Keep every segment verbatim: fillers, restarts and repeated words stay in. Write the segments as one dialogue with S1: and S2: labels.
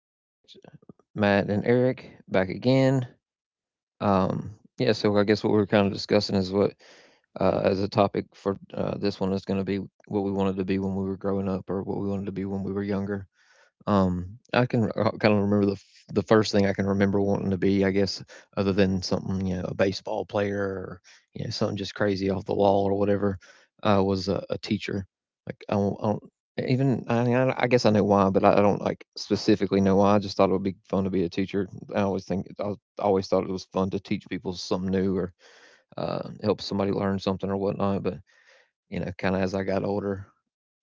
S1: Project. Matt and Eric back again. Um, yeah, so I guess what we were kind of discussing is what, uh, as a topic for uh, this one, is going to be what we wanted to be when we were growing up, or what we wanted to be when we were younger. Um, I can uh, kind of remember the f the first thing I can remember wanting to be, I guess, other than something, you know, a baseball player or, you know, something just crazy off the wall or whatever, uh, was a, a teacher. Like, I don't, I don't even, I mean, I, I guess I know why, but I, I don't like specifically know why. I just thought it would be fun to be a teacher. I always think, I always thought it was fun to teach people something new or uh, help somebody learn something or whatnot. But, you know, kind of as I got older,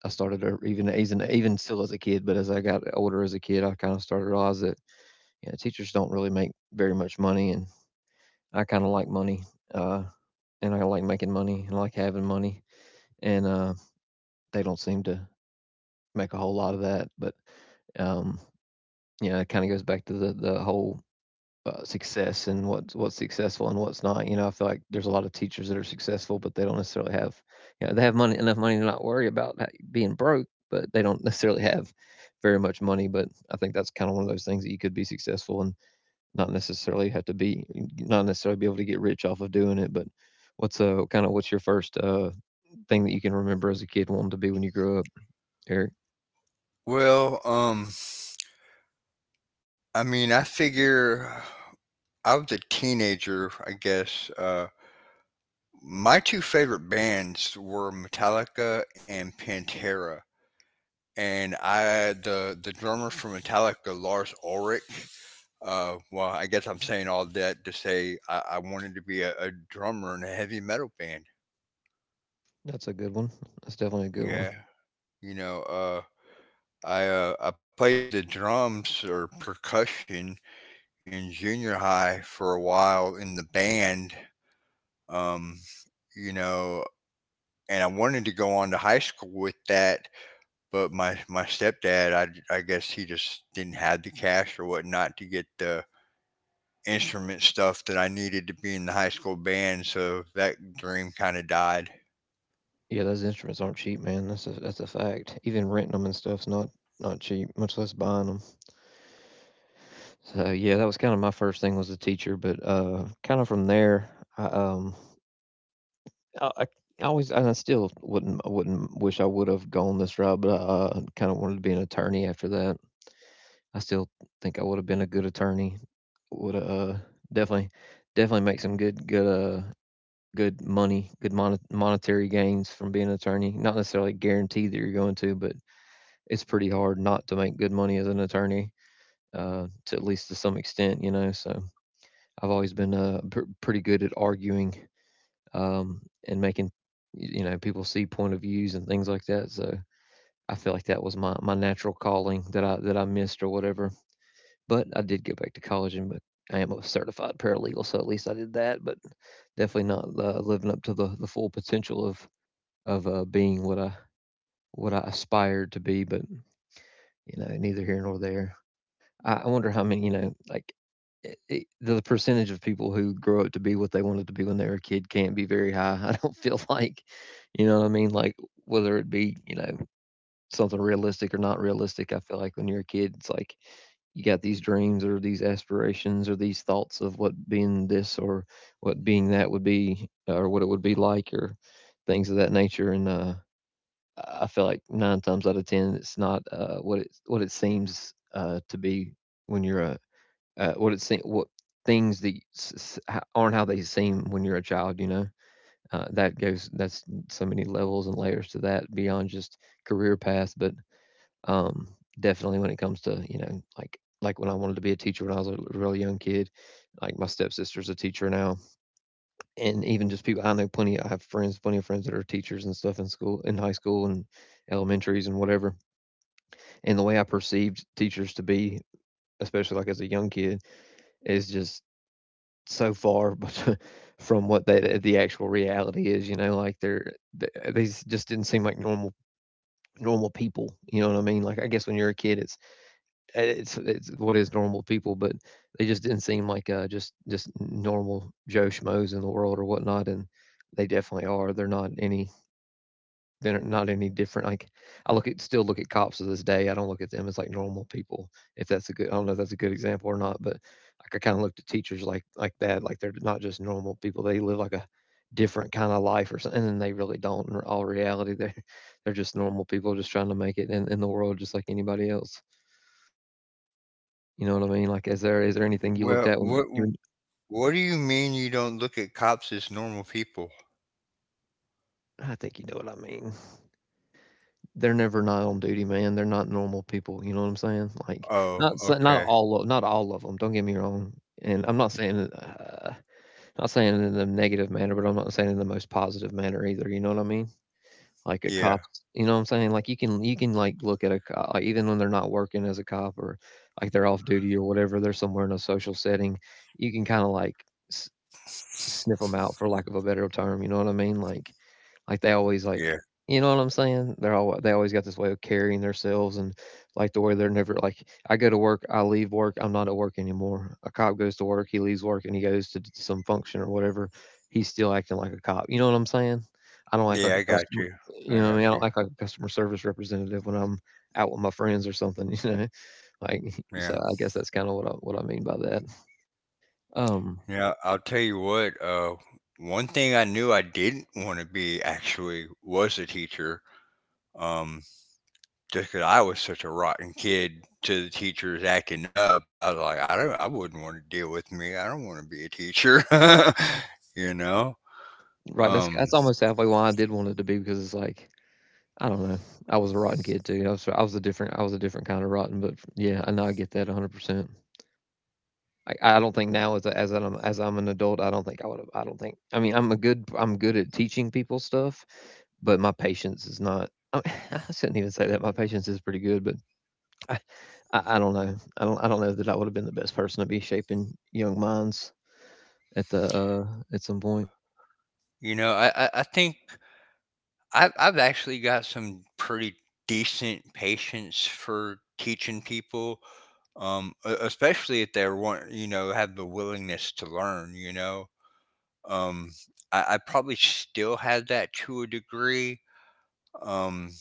S1: I started to even even even still as a kid, but as I got older as a kid, I kind of started to realize that you know, teachers don't really make very much money, and I kind of like money, uh, and I like making money and I like having money, and uh, they don't seem to make a whole lot of that. But um, you know, it kind of goes back to the the whole uh, success and what's what's successful and what's not. You know, I feel like there's a lot of teachers that are successful, but they don't necessarily have, you know, they have money enough money to not worry about ha- being broke, but they don't necessarily have very much money. But I think that's kind of one of those things that you could be successful and not necessarily have to be, not necessarily be able to get rich off of doing it. But what's uh kind of what's your first uh thing that you can remember as a kid wanting to be when you grew up, Eric?
S2: Well, um, I mean, I figure I was a teenager, I guess. Uh, my two favorite bands were Metallica and Pantera, and I the the drummer for Metallica, Lars Ulrich. Uh, well, I guess I'm saying all that to say I, I wanted to be a, a drummer in a heavy metal band.
S1: That's a good one. That's definitely a good one.
S2: Yeah, you know, uh, I uh, I played the drums or percussion in junior high for a while in the band um, you know, and I wanted to go on to high school with that, but my my stepdad, I I guess he just didn't have the cash or whatnot to get the instrument stuff that I needed to be in the high school band, so that dream kind of died.
S1: Yeah, those instruments aren't cheap, man. That's a that's a fact. Even renting them and stuff's not not cheap, much less buying them. So yeah, that was kind of my first thing was the teacher, but uh, kind of from there, I um, I, I I always and I still wouldn't I wouldn't wish I would have gone this route, but I uh, kind of wanted to be an attorney after that. I still think I would have been a good attorney. Would uh definitely definitely make some good good uh good money, good mon- monetary gains from being an attorney. Not necessarily guaranteed that you're going to, but it's pretty hard not to make good money as an attorney, uh, to at least to some extent, you know. So I've always been uh, pr- pretty good at arguing um, and making, y- you know, people see point of views and things like that. So I feel like that was my, my natural calling that I that I missed or whatever. But I did go back to college and bec- I am a certified paralegal, so at least I did that. But definitely not uh, living up to the, the full potential of of uh, being what I what I aspired to be. But you know, neither here nor there. I I wonder how many, you know, like I I the percentage of people who grow up to be what they wanted to be when they were a kid can't be very high. I don't feel like, you know what I mean? Like whether it be, you know, something realistic or not realistic, I feel like when you're a kid, it's like you got these dreams or these aspirations or these thoughts of what being this or what being that would be or what it would be like or things of that nature. And uh, I I feel like nine times out of ten, it's not uh, what it what it seems uh, to be when you're a, uh, what it seem what things that s- s- aren't how they seem when you're a child, you know? Uh, that goes that's so many levels and layers to that beyond just career path, but, um, definitely when it comes to, you know, like like when I wanted to be a teacher when I was a really young kid, like my stepsister's a teacher now, and even just people I know plenty I have friends, plenty of friends that are teachers and stuff in school in high school and elementaries and whatever. And the way I perceived teachers to be, especially like as a young kid, is just so far but from what the the actual reality is. You know, like they're they just didn't seem like normal normal people. You know what I mean? Like I guess when you're a kid, it's uh, it's it's what is normal people, but they just didn't seem like uh, just just normal Joe schmoes in the world or whatnot. And they definitely are. They're not any they're not any different, like, I look at still look at cops to this day, I don't look at them as, like, normal people, if that's a good I don't know if that's a good example or not, but, like, I kinda looked at teachers like like that, like, they're not just normal people, they live, like, a different kinda life or something, and then they really don't in all reality, they're they're just normal people just trying to make it in in the world just like anybody else, you know what I mean? Like, is there is there anything you
S2: Well,
S1: looked at
S2: what
S1: when you
S2: what do you mean you don't look at cops as normal people?
S1: I think you know what I mean. They're never not on duty, man, they're not normal people, you know what I'm saying? Like,
S2: Oh,
S1: not sa
S2: okay.
S1: not all of not all of them. 'em, don't get me wrong, and I'm not saying it uh, not saying it in a negative manner, but I'm not saying it in the most positive manner either, you know what I mean? Like, a
S2: Yeah,
S1: cop you know what I'm saying? Like, you can you can, like, look at a co like, even when they're not working as a cop or, like, they're off duty or whatever, they're somewhere in a social setting, you can kinda, like, s sniff them out, for lack of a better term, you know what I mean? Like, like, they always,
S2: yeah,
S1: like you know what I'm saying? They're all they always got this way of carrying themselves, and, like, the way they're never like, I go to work, I leave work, I'm not at work anymore. A cop goes to work, he leaves work, and he goes to d some function or whatever, he's still acting like a cop, you know what I'm saying? I don't act
S2: yeah.
S1: like
S2: I
S1: a
S2: got
S1: customer
S2: you. I
S1: you know
S2: got
S1: what I mean? I
S2: you.
S1: don't act like a customer service representative when I'm out with my friends or something, you know? Like,
S2: Yeah.
S1: so I guess that's kinda what I what I mean by that. Um,
S2: Yeah, I'll tell you what, uh, one thing I knew I didn't want to be actually was a teacher. Um, just 'cause I was such a rotten kid to the teachers acting up, I was like, I don't, I wouldn't want to deal with me. I don't want to be a teacher, you know?
S1: right, that's
S2: Um,
S1: that's almost halfway why I did want it to be because it's like I don't know. I was a rotten kid too. I was I was a different I was a different kind of rotten, but yeah, I know I get that one hundred percent. I, I don't think now as a, as I'm as I'm an adult, I don't think I would have I don't think I mean, I'm a good I'm good at teaching people stuff, but my patience is not I, I shouldn't even say that. My patience is pretty good, but I, I I don't know. I don't I don't know that I would have been the best person to be shaping young minds at the uh at some point.
S2: you know, I, I, I think I've, I've actually got some pretty decent patience for teaching people. Um, e- especially if they want, you know, have the willingness to learn, you know. Um, I, I probably still had that to a degree. Um,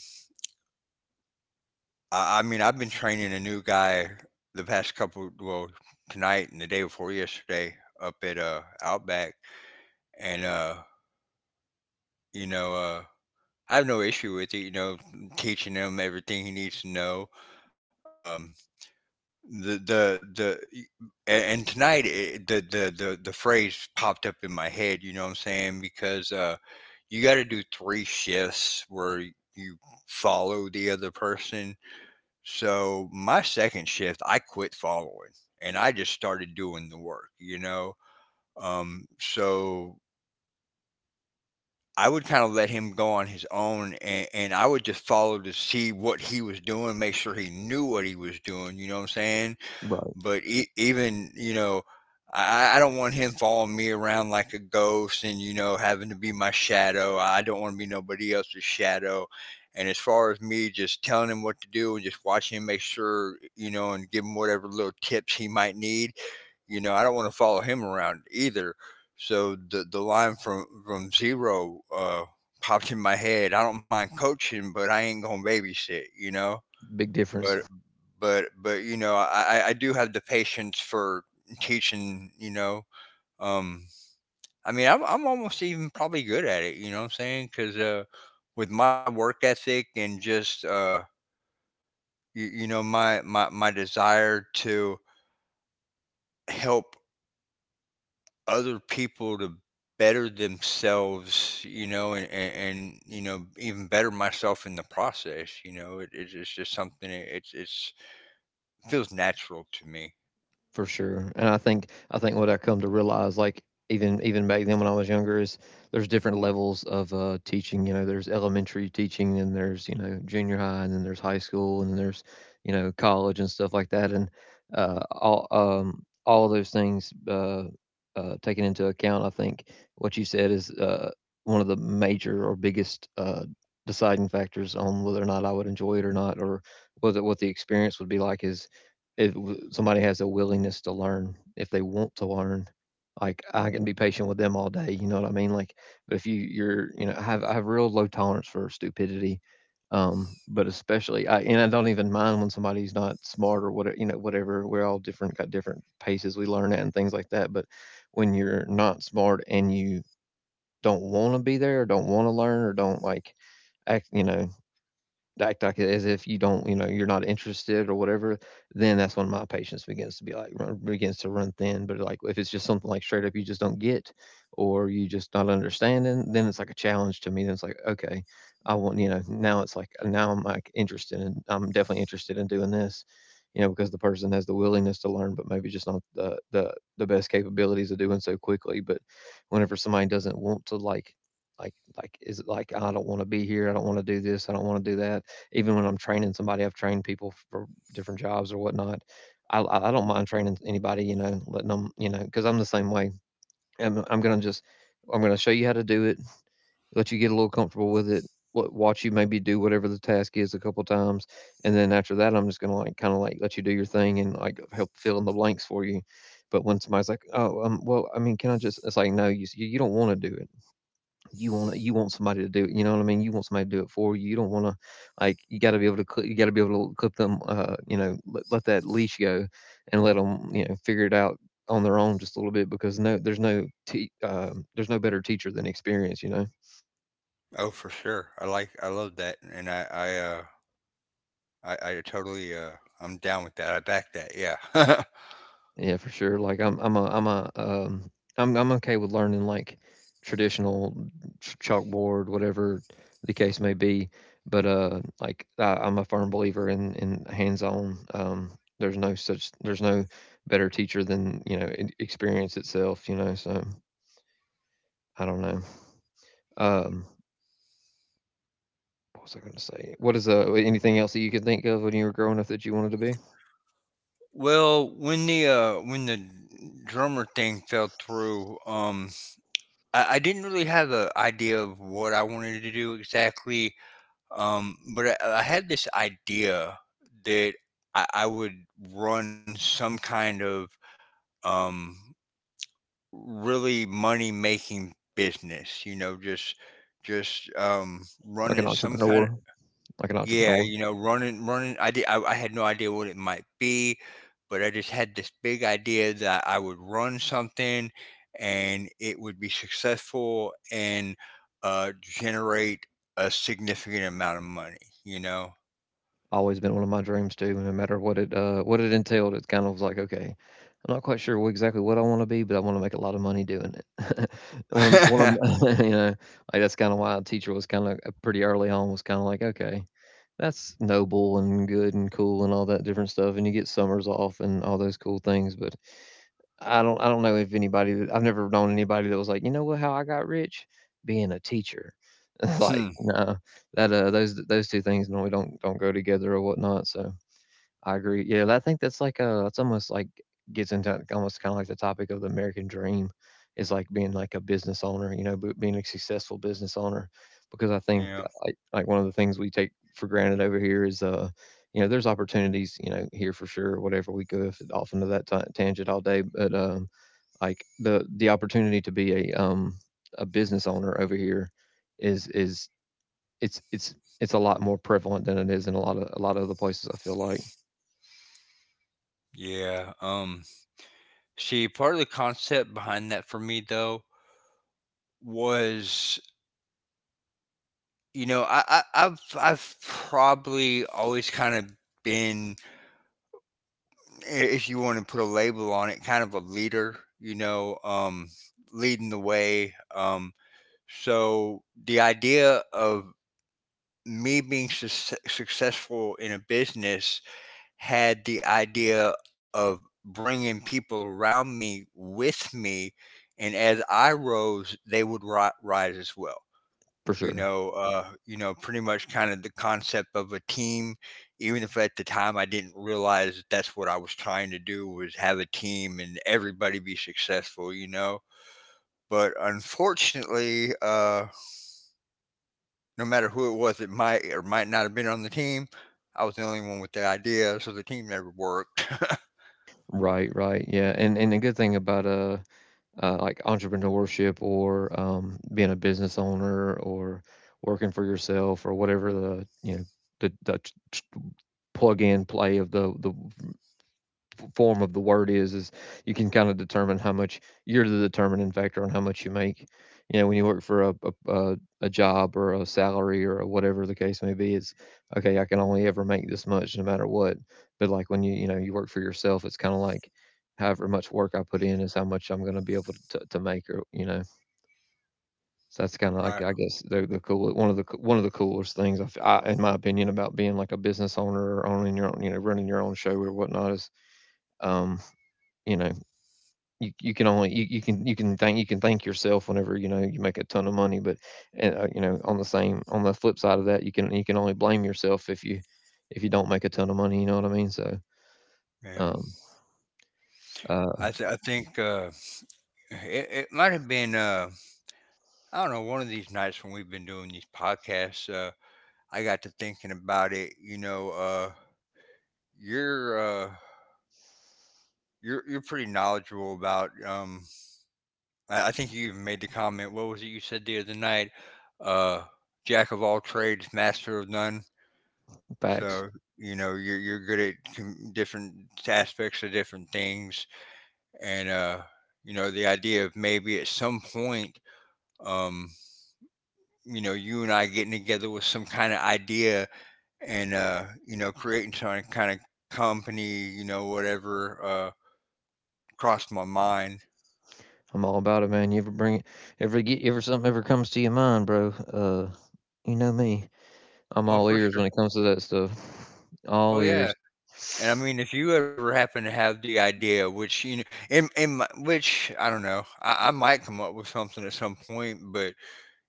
S2: I, I mean, I've been training a new guy the past couple, well, tonight and the day before yesterday up at uh, Outback, and uh, you know, uh, I have no issue with it. You know, teaching him everything he needs to know. Um, the the the y- a- and tonight it, the, the the the phrase popped up in my head. You know what I'm saying? Because uh, you gotta do three shifts where you follow the other person. So, my second shift, I quit following, and I just started doing the work, you know? Um, so, I would kinda let him go on his own, and and I would just follow to see what he was doing, make sure he knew what he was doing, you know what I'm saying?
S1: Right.
S2: But e- even you know, I I I don't want him following me around like a ghost, and you know, having to be my shadow. I don't want to be nobody else's shadow. And as far as me just telling him what to do and just watching him make sure, you know, and give him whatever little tips he might need, you know, I don't want to follow him around either. So the the line from from zero uh, popped in my head. I don't mind coaching, but I ain't gonna babysit, you know.
S1: Big difference.
S2: But but but you know I I I do have the patience for teaching. You know, um, I mean I'm I'm almost even probably good at it. You know what I'm saying? Because uh, with my work ethic and just uh, you, you know my my my desire to help other people to better themselves you know and, and and you know even better myself in the process you know it, it's it's just something it, it's it's feels natural to me.
S1: For sure. And I think I think what I come to realize, like even even back then when I was younger, is there's different levels of uh, teaching. You know, there's elementary teaching, and there's you know junior high, and then there's high school, and then there's you know college and stuff like that. And uh, all um, all of those things uh, uh, taken into account, I think what you said is uh, one of the major or biggest uh, deciding factors on whether or not I would enjoy it or not, or whether what the experience would be like is if w- somebody has a willingness to learn, if they want to learn, like I can be patient with them all day. You know what I mean? Like, but if you you're you know I have I have real low tolerance for stupidity, um, but especially I and I don't even mind when somebody's not smart or whatever you know whatever. We're all different, got different paces we learn at and things like that. But when you're not smart and you don't want to be there, or don't want to learn, or don't like act, you know, act like as if you don't, you know, you're not interested or whatever, then that's when my patience begins to be like run, begins to run thin. But like if it's just something like straight up you just don't get or you just not understanding, then it's like a challenge to me. Then it's like okay, I want you know now it's like now I'm like interested and I'm definitely interested in doing this, you know, because the person has the willingness to learn, but maybe just not the the the best capabilities of doing so quickly. But whenever somebody doesn't want to, like like like is it like I don't want to be here, I don't want to do this, I don't want to do that. Even when I'm training somebody, I've trained people for different jobs or whatnot. I I don't mind training anybody, you know, letting them, you know, because I'm the same way. I'm I'm gonna just I'm gonna show you how to do it, let you get a little comfortable with it, wa- watch you maybe do whatever the task is a couple times, and then after that, I'm just gonna like kind of like let you do your thing and like help fill in the blanks for you. But when somebody's like, "Oh, um, well, I mean, can I just?" It's like, "No, you s- you don't want to do it you want it, you want somebody to do it. You know what I mean? You want somebody to do it for you. You don't want to. Like, you got to be able to cl- you got to be able to clip them. Uh, you know, let, let that leash go and let them you know figure it out on their own just a little bit because no, there's no te- um there's no better teacher than experience. You know."
S2: Oh, for sure. I like I love that, and I I uh I, I totally uh I'm down with that. I back that. Yeah.
S1: Yeah, for sure. Like I'm I'm a I'm a um I'm I'm okay with learning like traditional ch- chalkboard, whatever the case may be. But uh like I, I'm a firm believer in in hands-on. Um there's no such there's no better teacher than, you know, e- experience itself, you know, so I don't know. Um what was I going to say? What is uh Anything else that you could think of when you were growing up that you wanted to be?
S2: Well, when the uh when the drummer thing fell through, um, I, I didn't really have an idea of what I wanted to do exactly. Um, but I, I had this idea that I, I would run some kind of um really money making business. You know, just just um
S1: Like an
S2: running some kind of.
S1: entrepreneur, like an
S2: Yeah,
S1: entrepreneur.
S2: you know, running, running. I did. I, I had no idea what it might be, but I just had this big idea that I would run something, and it would be successful and uh, generate a significant amount of money. You know.
S1: Always been one of my dreams too. No matter what it, uh, what it entailed, it kind of was like, okay, I'm not quite sure what, exactly what I want to be, but I want to make a lot of money doing it. when I'm,
S2: Hmm.
S1: when you know, like that's kind of why a teacher was kind of pretty early on was kind of like, okay, that's noble and good and cool and all that different stuff, and you get summers off and all those cool things, but. I don't I don't know if anybody that I've never known anybody that was like, you know what, how I got rich? Being a teacher. It's like, no. That uh, those those two things normally don't don't go together or whatnot. So I agree. Yeah, I think that's like uh, it's almost like gets into almost kind of like the topic of the American dream is like being like a business owner, you know, but being a successful business owner. Because I think
S2: Yeah.
S1: uh, like like one of the things we take for granted over here is uh, you know, there's opportunities, you know, here for sure. Whatever we go if- off into that ta tangent all day, but um, like the the opportunity to be a um a business owner over here is, is it's it's it's a lot more prevalent than it is in a lot of a lot of other places. I feel like.
S2: Yeah. Um, see, part of the concept behind that for me though was, you know, I, I I've I've probably always kind of been i- if you want to put a label on it, kind of a leader, you know, um, leading the way. Um, so the idea of me being sus successful in a business had the idea of bringing people around me with me, and as I rose, they would ri- rise as well,
S1: For
S2: you
S1: sure.
S2: know, uh, you know, pretty much kind of the concept of a team. Even if at the time I didn't realize that that's what I was trying to do was have a team and everybody be successful, you know. But unfortunately, uh, no matter who it was, it might or might not have been on the team. I was the only one with the idea, so the team never worked.
S1: Right, right, yeah, and and the good thing about uh, uh like entrepreneurship or um being a business owner or working for yourself or whatever the you know the the t- t- plug and play of the the form of the word is is you can kind of determine how much, you're the determining factor on how much you make. You know when you work for a, a, a, a job or a salary or whatever the case may be, it's okay, I can only ever make this much no matter what. But like when you you know you work for yourself, it's kind of like however much work I put in is how much I'm going to be able to, to, to make, or you know so that's kind of like
S2: Right?
S1: I guess the, the cool, one of the co- one of the coolest things, I, f- I- in my opinion, about being like a business owner or owning your own, you know running your own show or whatnot is, um you know you you can only you, you can you can thank you can thank yourself whenever, you know you make a ton of money, but uh, you know, on the same on the flip side of that, you can you can only blame yourself if you if you don't make a ton of money, you know what I mean, so
S2: Yeah.
S1: um
S2: I
S1: uh
S2: th- I think uh, it it might have been uh, I don't know one of these nights when we've been doing these podcasts. Uh, I got to thinking about it, you know, uh, you're uh, you're you're pretty knowledgeable about. Um, I, I think you even made the comment. What was it you said the other night? Uh, Jack of all trades, master of none.
S1: facts.
S2: So you know you're you're good at com- different aspects of different things, and uh, you know the idea of maybe at some point, um, you know, you and I getting together with some kind of idea and uh you know creating some kind of company you know whatever uh crossed my mind.
S1: I'm all about it, man. You ever bring it, ever get ever something ever comes to your mind, bro, uh you know me. I'm
S2: Oh
S1: all
S2: for
S1: ears
S2: sure.
S1: when it comes to that stuff. All
S2: Oh yeah.
S1: ears.
S2: And I mean if you ever happen to have the idea which you know in, in my, which I don't know I, I might come up with something at some point but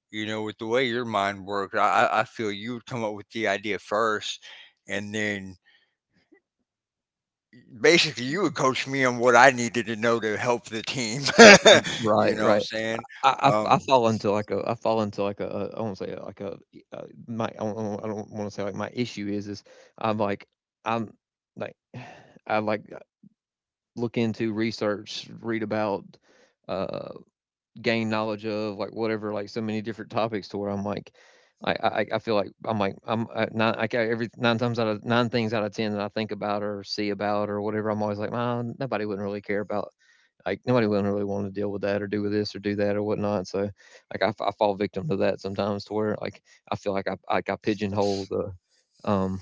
S2: you know with the way your mind works i i I feel you would come up with the idea first and then basically you would coach me on what I needed to know to help the team. You
S1: Right,
S2: know what I'm
S1: right.
S2: saying?
S1: I I I
S2: um
S1: fall into like a, I fall into like a a I won't say like a e uh, my I don't I don't wanna say like my issue is is I'm like I'm like, I like, look into, research, read about, uh gained knowledge of, like, whatever, like, so many different topics, to where I'm like, I I I feel like, I'm like I'm uh, nine like, I ca- every nine times out of nine things out of ten that I think about or see about or whatever, I'm always like, "Nah, nobody wouldn't really care about," like, nobody wouldn't really wanna deal with that or do with this or do that or whatnot. So, like, I f I fall victim to that sometimes, to where, like, I feel like, I like I pigeonhole the, um,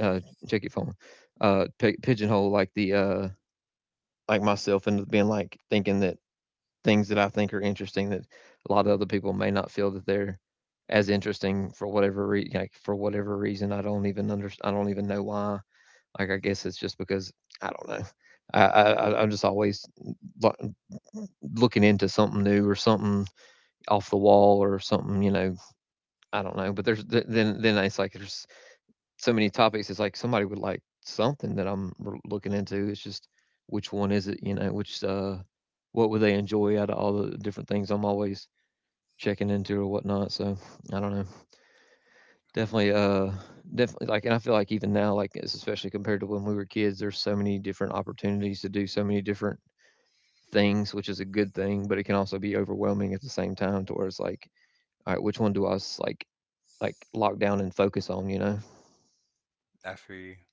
S1: uh, check your phone, uh, pi pigeonhole, like, the, uh, like, myself into being, like, thinking that things that I think are interesting, that a lot of other people may not feel that they're as interesting, for whatever re- like for whatever reason. I don't even under I don't even know why. Like, I guess it's just because, I don't know. I, I I- am just always, lo- looking into something new or something off the wall or something, you know I don't know. But there's, th- then then it's like there's so many topics. It's like somebody would like something that I'm, r- looking into. It's just, which one is it? You know, which, uh, what would they enjoy out of all the different things I'm always checking into or whatnot. So I don't know. Definitely, uh, definitely like, and I feel like even now, like it's especially compared to when we were kids, there's so many different opportunities to do so many different things, which is a good thing, but it can also be overwhelming at the same time. To where it's like, all right, which one do I s- like, like lock down and focus on? You know.
S2: I feel you.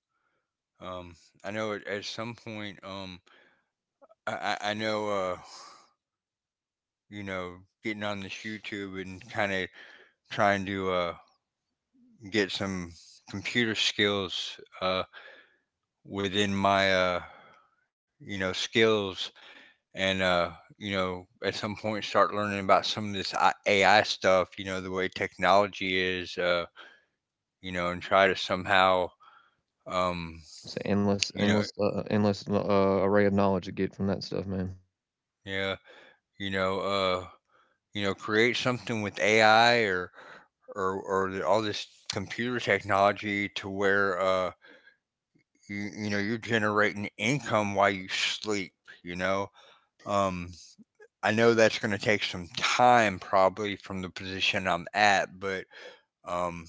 S2: Um, I know at, at some point, um, I, I, I know, uh, you know, getting on this YouTube and kind of trying to uh, get some computer skills uh, within my, uh, you know, skills and, uh, you know, at some point start learning about some of this I- A I stuff, you know, the way technology is, uh, you know, and try to somehow, um,
S1: It's an endless,
S2: you know,
S1: endless, uh, endless uh, uh, array of knowledge to get from that stuff, man.
S2: yeah, you know, uh, you know, create something with A I or or or the, all this computer technology to where uh you, you know you're generating income while you sleep. You know, um, I know that's going to take some time probably from the position I'm at, but um,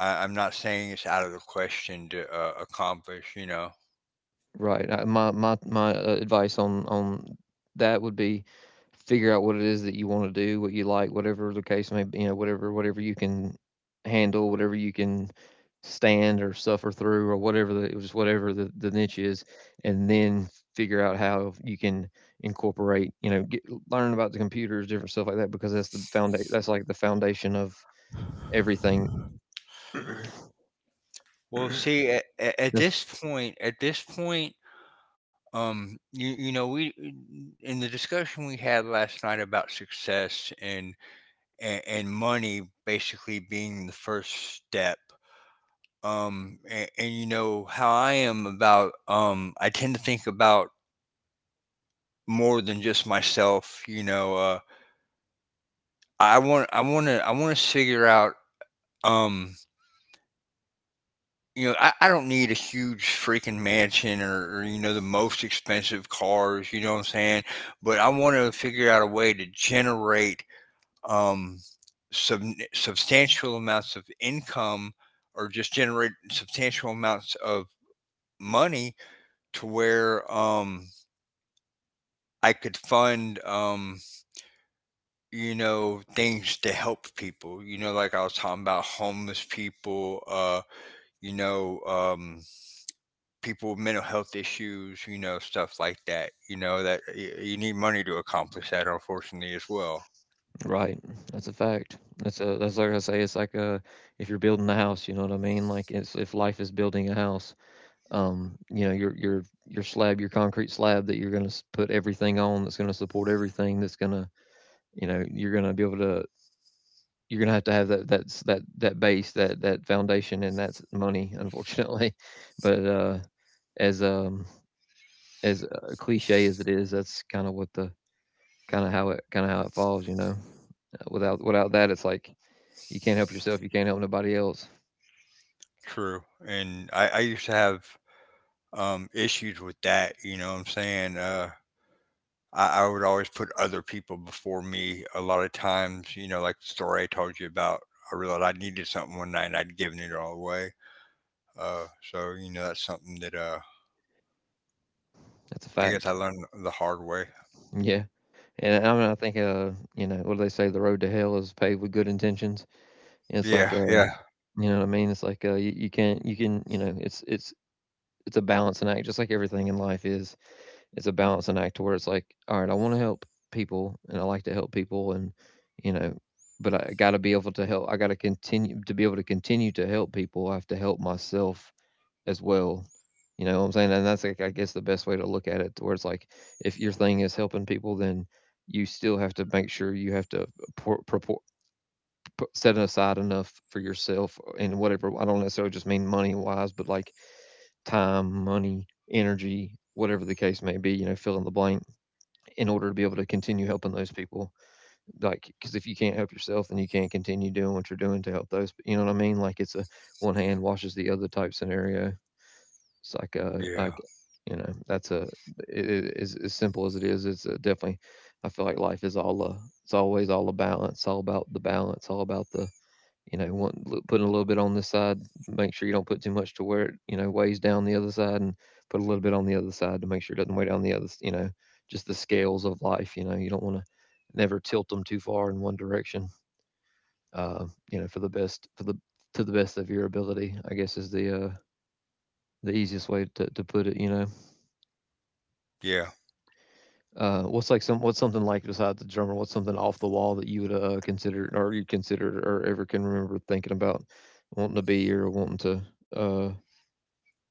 S2: I, I'm not saying it's out of the question to uh, accomplish. You know,
S1: Right. I, my my my uh, advice on on that would be, figure out what it is that you want to do, what you like, whatever the case may be. You know, whatever whatever you can handle, whatever you can stand or suffer through, or whatever the just whatever the the niche is, and then figure out how you can incorporate. You know, get, learn about the computers, different stuff like that, because that's the foundation. That's like the foundation of everything.
S2: well, see at, at
S1: That's
S2: this point, at this point um, you you know, we in the discussion we had last night about success and and, and money basically being the first step. Um, and, and you know how I am about um, I tend to think about more than just myself. You know, uh, I want I want to I want to figure out um. You know, I, I don't need a huge freaking mansion or, or, you know, the most expensive cars, you know what I'm saying? But I want to figure out a way to generate um, sub- substantial amounts of income or just generate substantial amounts of money to where um, I could fund, um, you know, things to help people. You know, like I was talking about homeless people, uh, you know, um, people with mental health issues, you know, stuff like that. You know, that y- you need money to accomplish that, unfortunately, as well.
S1: right. That's a fact. That's a that's like I say. It's like, uh, if you're building a house, you know what I mean. Like, it's if life is building a house, um, you know, your your your slab, your concrete slab that you're gonna s- put everything on, that's gonna support everything, that's gonna you know you're gonna be able to you're gonna have to have that, that's that that base, that that foundation, and that's money, unfortunately. But uh, as um as uh, Cliche as it is, that's kind of what the kind of how it kind of how it falls, you know. Uh, Without without that, it's like you can't help yourself. You can't help nobody else.
S2: True. And I, I used to have um, issues with that. You know what I'm saying? Uh, I, I would always put other people before me a lot of times, you know, like the story I told you about. I realized I needed something one night and I'd given it all away. Uh, so, you know, that's something that uh,
S1: That's a
S2: I guess
S1: fact.
S2: I learned the hard way.
S1: Yeah. And I mean, I think, uh, you know, what do they say? The road to hell is paved with good intentions. And it's like,
S2: Yeah,
S1: uh,
S2: yeah,
S1: you know what I mean? It's like, uh, you, you can't, you can, you know, it's, it's, it's a balancing act, just like everything in life is. It's a balancing act to where it's like, all right, I want to help people, and I like to help people. And, you know, but I got to be able to help. I got to continue to be able to continue to help people. I have to help myself as well. You know what I'm saying? And that's, like I guess, the best way to look at it. To where it's like, if your thing is helping people, then you still have to make sure you have to por- propor- pu- set aside enough for yourself and whatever. I don't necessarily just mean money wise, but like time, money, energy, whatever the case may be, you know, fill in the blank in order to be able to continue helping those people. Like, because if you can't help yourself, then you can't continue doing what you're doing to help those. You know what I mean? Like, it's a one hand washes the other type scenario. It's like uh,
S2: yeah,
S1: like, you know, that's a it it, as as simple as it is, it's, uh, definitely, I feel like life is all, a it's always all a balance, all about the balance, all about the, you know, want li putting a little bit on this side, make sure you don't put too much to where it, you know, weighs down the other side, and put a little bit on the other side to make sure it doesn't weigh down the other s you know, just the scales of life, you know, you don't wanna never tilt them too far in one direction, uh, you know, for the best for the to the best of your ability, I guess is the, uh, the easiest way to to put it, you know?
S2: yeah.
S1: Uh, what's like some what's something like besides the drummer? What's something off the wall that you would uh, consider, or you considered, or ever can remember thinking about wanting to be, or wanting to uh,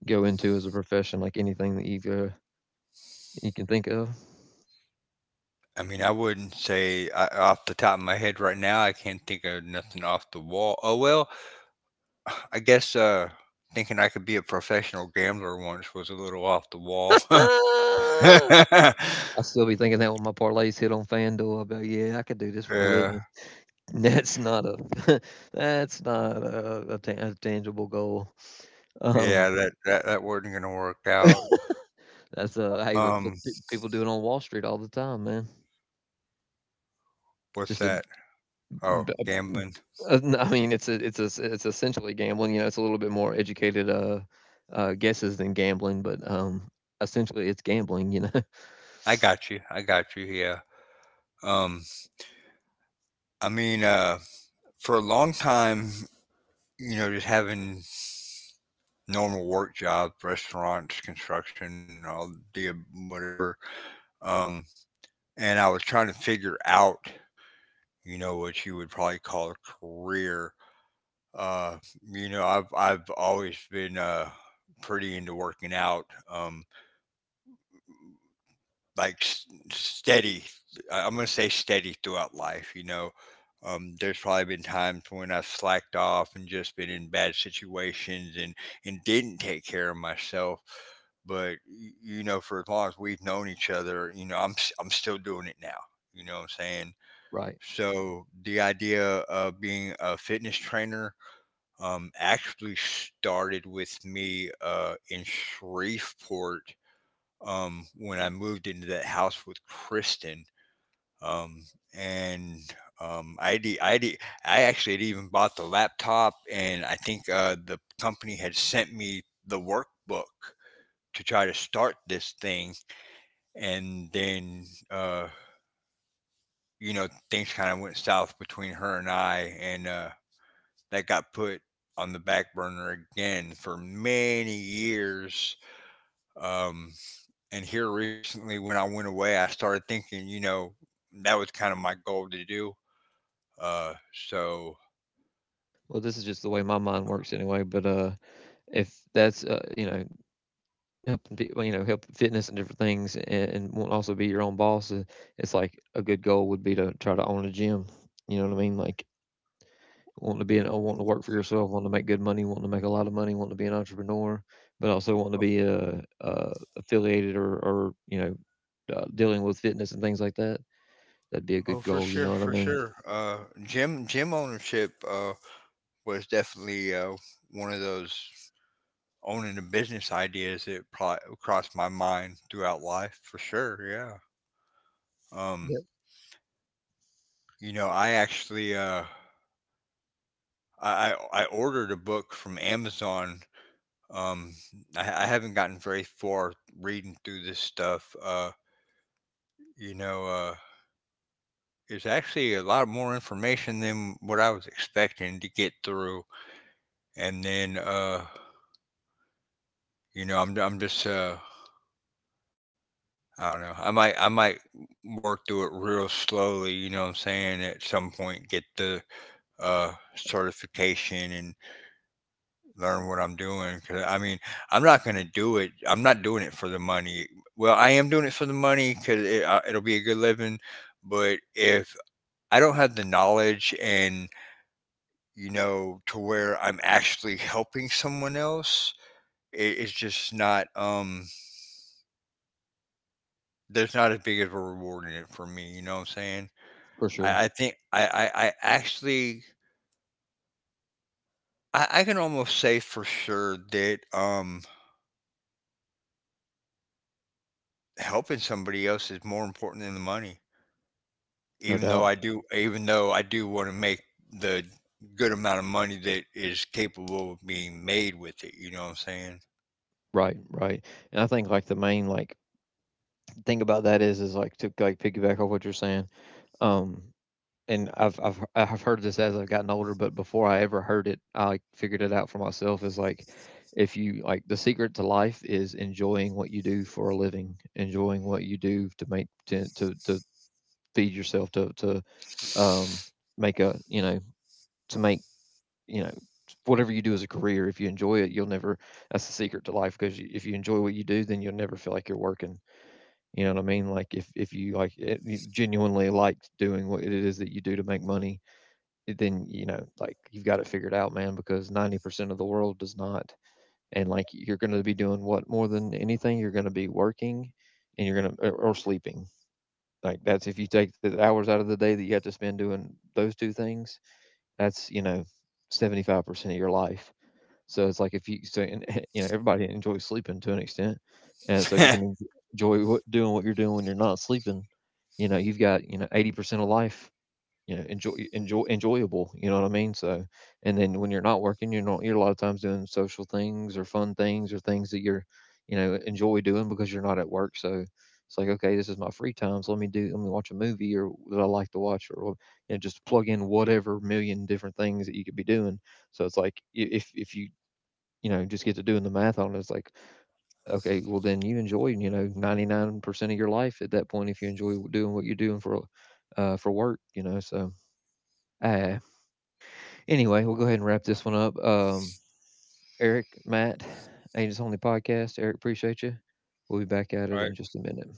S1: go into as a profession? Like anything that you've uh, you can think of.
S2: I mean, I wouldn't say I, off the top of my head right now, I can't think of nothing off the wall. Oh, well, I guess uh, thinking I could be a professional gambler once was a little off the wall.
S1: I
S2: Yeah,
S1: still be thinking that when my parlays hit on FanDuel, I'll be like, yeah, I could do this for a
S2: yeah,
S1: living. That's not a that's not a, a, ta- a tangible goal. Um,
S2: that, that that wasn't gonna work out.
S1: that's uh, hey, but look,
S2: Um,
S1: pe- people do it on Wall Street all the time, man. Just
S2: what's
S1: a
S2: that?
S1: B
S2: Oh,
S1: uh, mm,
S2: gambling.
S1: uh, n I mean, it's a, it's a, it's essentially gambling, you know. It's a little bit more educated, uh, uh, guesses than gambling, but, um, essentially, it's gambling, you know?
S2: I got you. I got you. Yeah. Um, I mean, uh, for a long time, you know, just having normal work jobs, restaurants, construction, all the ab- whatever. Um, and I was trying to figure out, you know, what you would probably call a career. Uh, you know, I've I've always been uh pretty into working out. Um, like s- steady. I- I'm gonna say steady throughout life. You know, um, there's probably been times when I slacked off and just been in bad situations and and didn't take care of myself. But y- you know, for as long as we've known each other, you know, I'm s- I'm still doing it now. You know what I'm saying?
S1: Right.
S2: So the idea of being a fitness trainer um, actually started with me uh, in Shreveport um, when I moved into that house with Kristen. Um, and um, I de- I de- I actually had even bought the laptop, and I think uh, the company had sent me the workbook to try to start this thing, and then uh, you know things kind of went south between her and I, and uh, that got put on the back burner again for many years. Um, And here recently, when I went away, I started thinking, you know, that was kind of my goal to do. Uh, so,
S1: Well, this is just the way my mind works anyway, but, uh, if that's, uh, you know, helping people, you know, help fitness and different things, and and wanting to also be your own boss, I it's like a good goal would be to try to own a gym, you know what I mean? Like wanting to be an, uh, wanting to work for yourself, wanting to make good money, wanting to make a lot of money, wanting to be an entrepreneur, but also wanting to
S2: oh,
S1: be uh, uh, affiliated or, or you know, uh, dealing with fitness and things like that. That'd be a good
S2: oh,
S1: goal.
S2: for
S1: You know what
S2: sure,
S1: I mean?
S2: for sure. Uh, gym gym ownership uh, was definitely uh, one of those owning a business ideas that pro- crossed my mind throughout life, for sure. Yeah.
S1: Yeah,
S2: Um, you know, I actually uh, I I I ordered a book from Amazon. Um, I, I haven't gotten very far reading through this stuff. Uh, You know, uh, it's actually a lot more information than what I was expecting to get through. And then, uh, you know, I'm, I'm just, uh, I don't know. I might, I might work through it real slowly. You know what I'm saying? At some point, get the uh, certification and learn what I'm doing. Cause I mean, I'm not gonna do it. I'm not doing it for the money. Well, I am doing it for the money because it, uh, it'll be a good living. But if I don't have the knowledge and you know, to where I'm actually helping someone else, it, it's just not um there's not as big of a reward in it for me, you know what I'm saying?
S1: for sure,
S2: I, I think I, I, I actually I, I can almost say for sure that um helping somebody else is more important than the money.
S1: no
S2: Even though
S1: doubt.
S2: I do even though I do want to make the good amount of money that is capable of being made with it, you know what I'm
S1: Right, right. And I think like the main like thing about that is is like to like piggyback off what you're saying. Um, and I've I've have I I've heard this as I've gotten older, but before I ever heard it, I like figured it out for myself. Is like, if you like, the secret to life is enjoying what you do for a living, enjoying what you do to make to to, to feed yourself, to to um make a, you know, to make you know, whatever you do as a career. If you enjoy it, you'll never. That's the secret to life, because if you enjoy what you do, then you'll never feel like you're working. You know what I mean? Like, if if you like it, you genuinely like doing what it is that you do to make money, then, you know, like, you've got it figured out, man, because ninety percent of the world does not. And like, you're going to be doing what more than anything? You're going to be working, and you're going to, or, or sleeping. Like, that's, if you take the hours out of the day that you have to spend doing those two things, that's, you know, seventy-five percent of your life. So it's like, if you so and, you know, everybody enjoys sleeping to an extent, and so if you
S2: saying?
S1: can enjoy what, doing what you're doing when you're not sleeping, you know, you've got, you know, eighty percent of life, you know, enjoy enjoy enjoyable, you know what I mean? So, and then when you're not working, you're not you're a lot of times doing social things, or fun things, or things that you're, you know, enjoy doing because you're not at work. So it's like, okay, this is my free time, so let me do let me watch a movie or that I like to watch, or, you know, just plug in whatever million different things that you could be doing. So it's like, i- if if you, you know, just get to doing the math on it, it's like, okay, well then you enjoy, you know, ninety-nine percent of your life at that point, if you enjoy doing what you're doing for uh for work, you know. so uh, Anyway, we'll go ahead and wrap this one up. Um, Eric, Matt, Angels Only Podcast. Eric, appreciate you. We'll be back at it
S2: Right?
S1: in just a minute.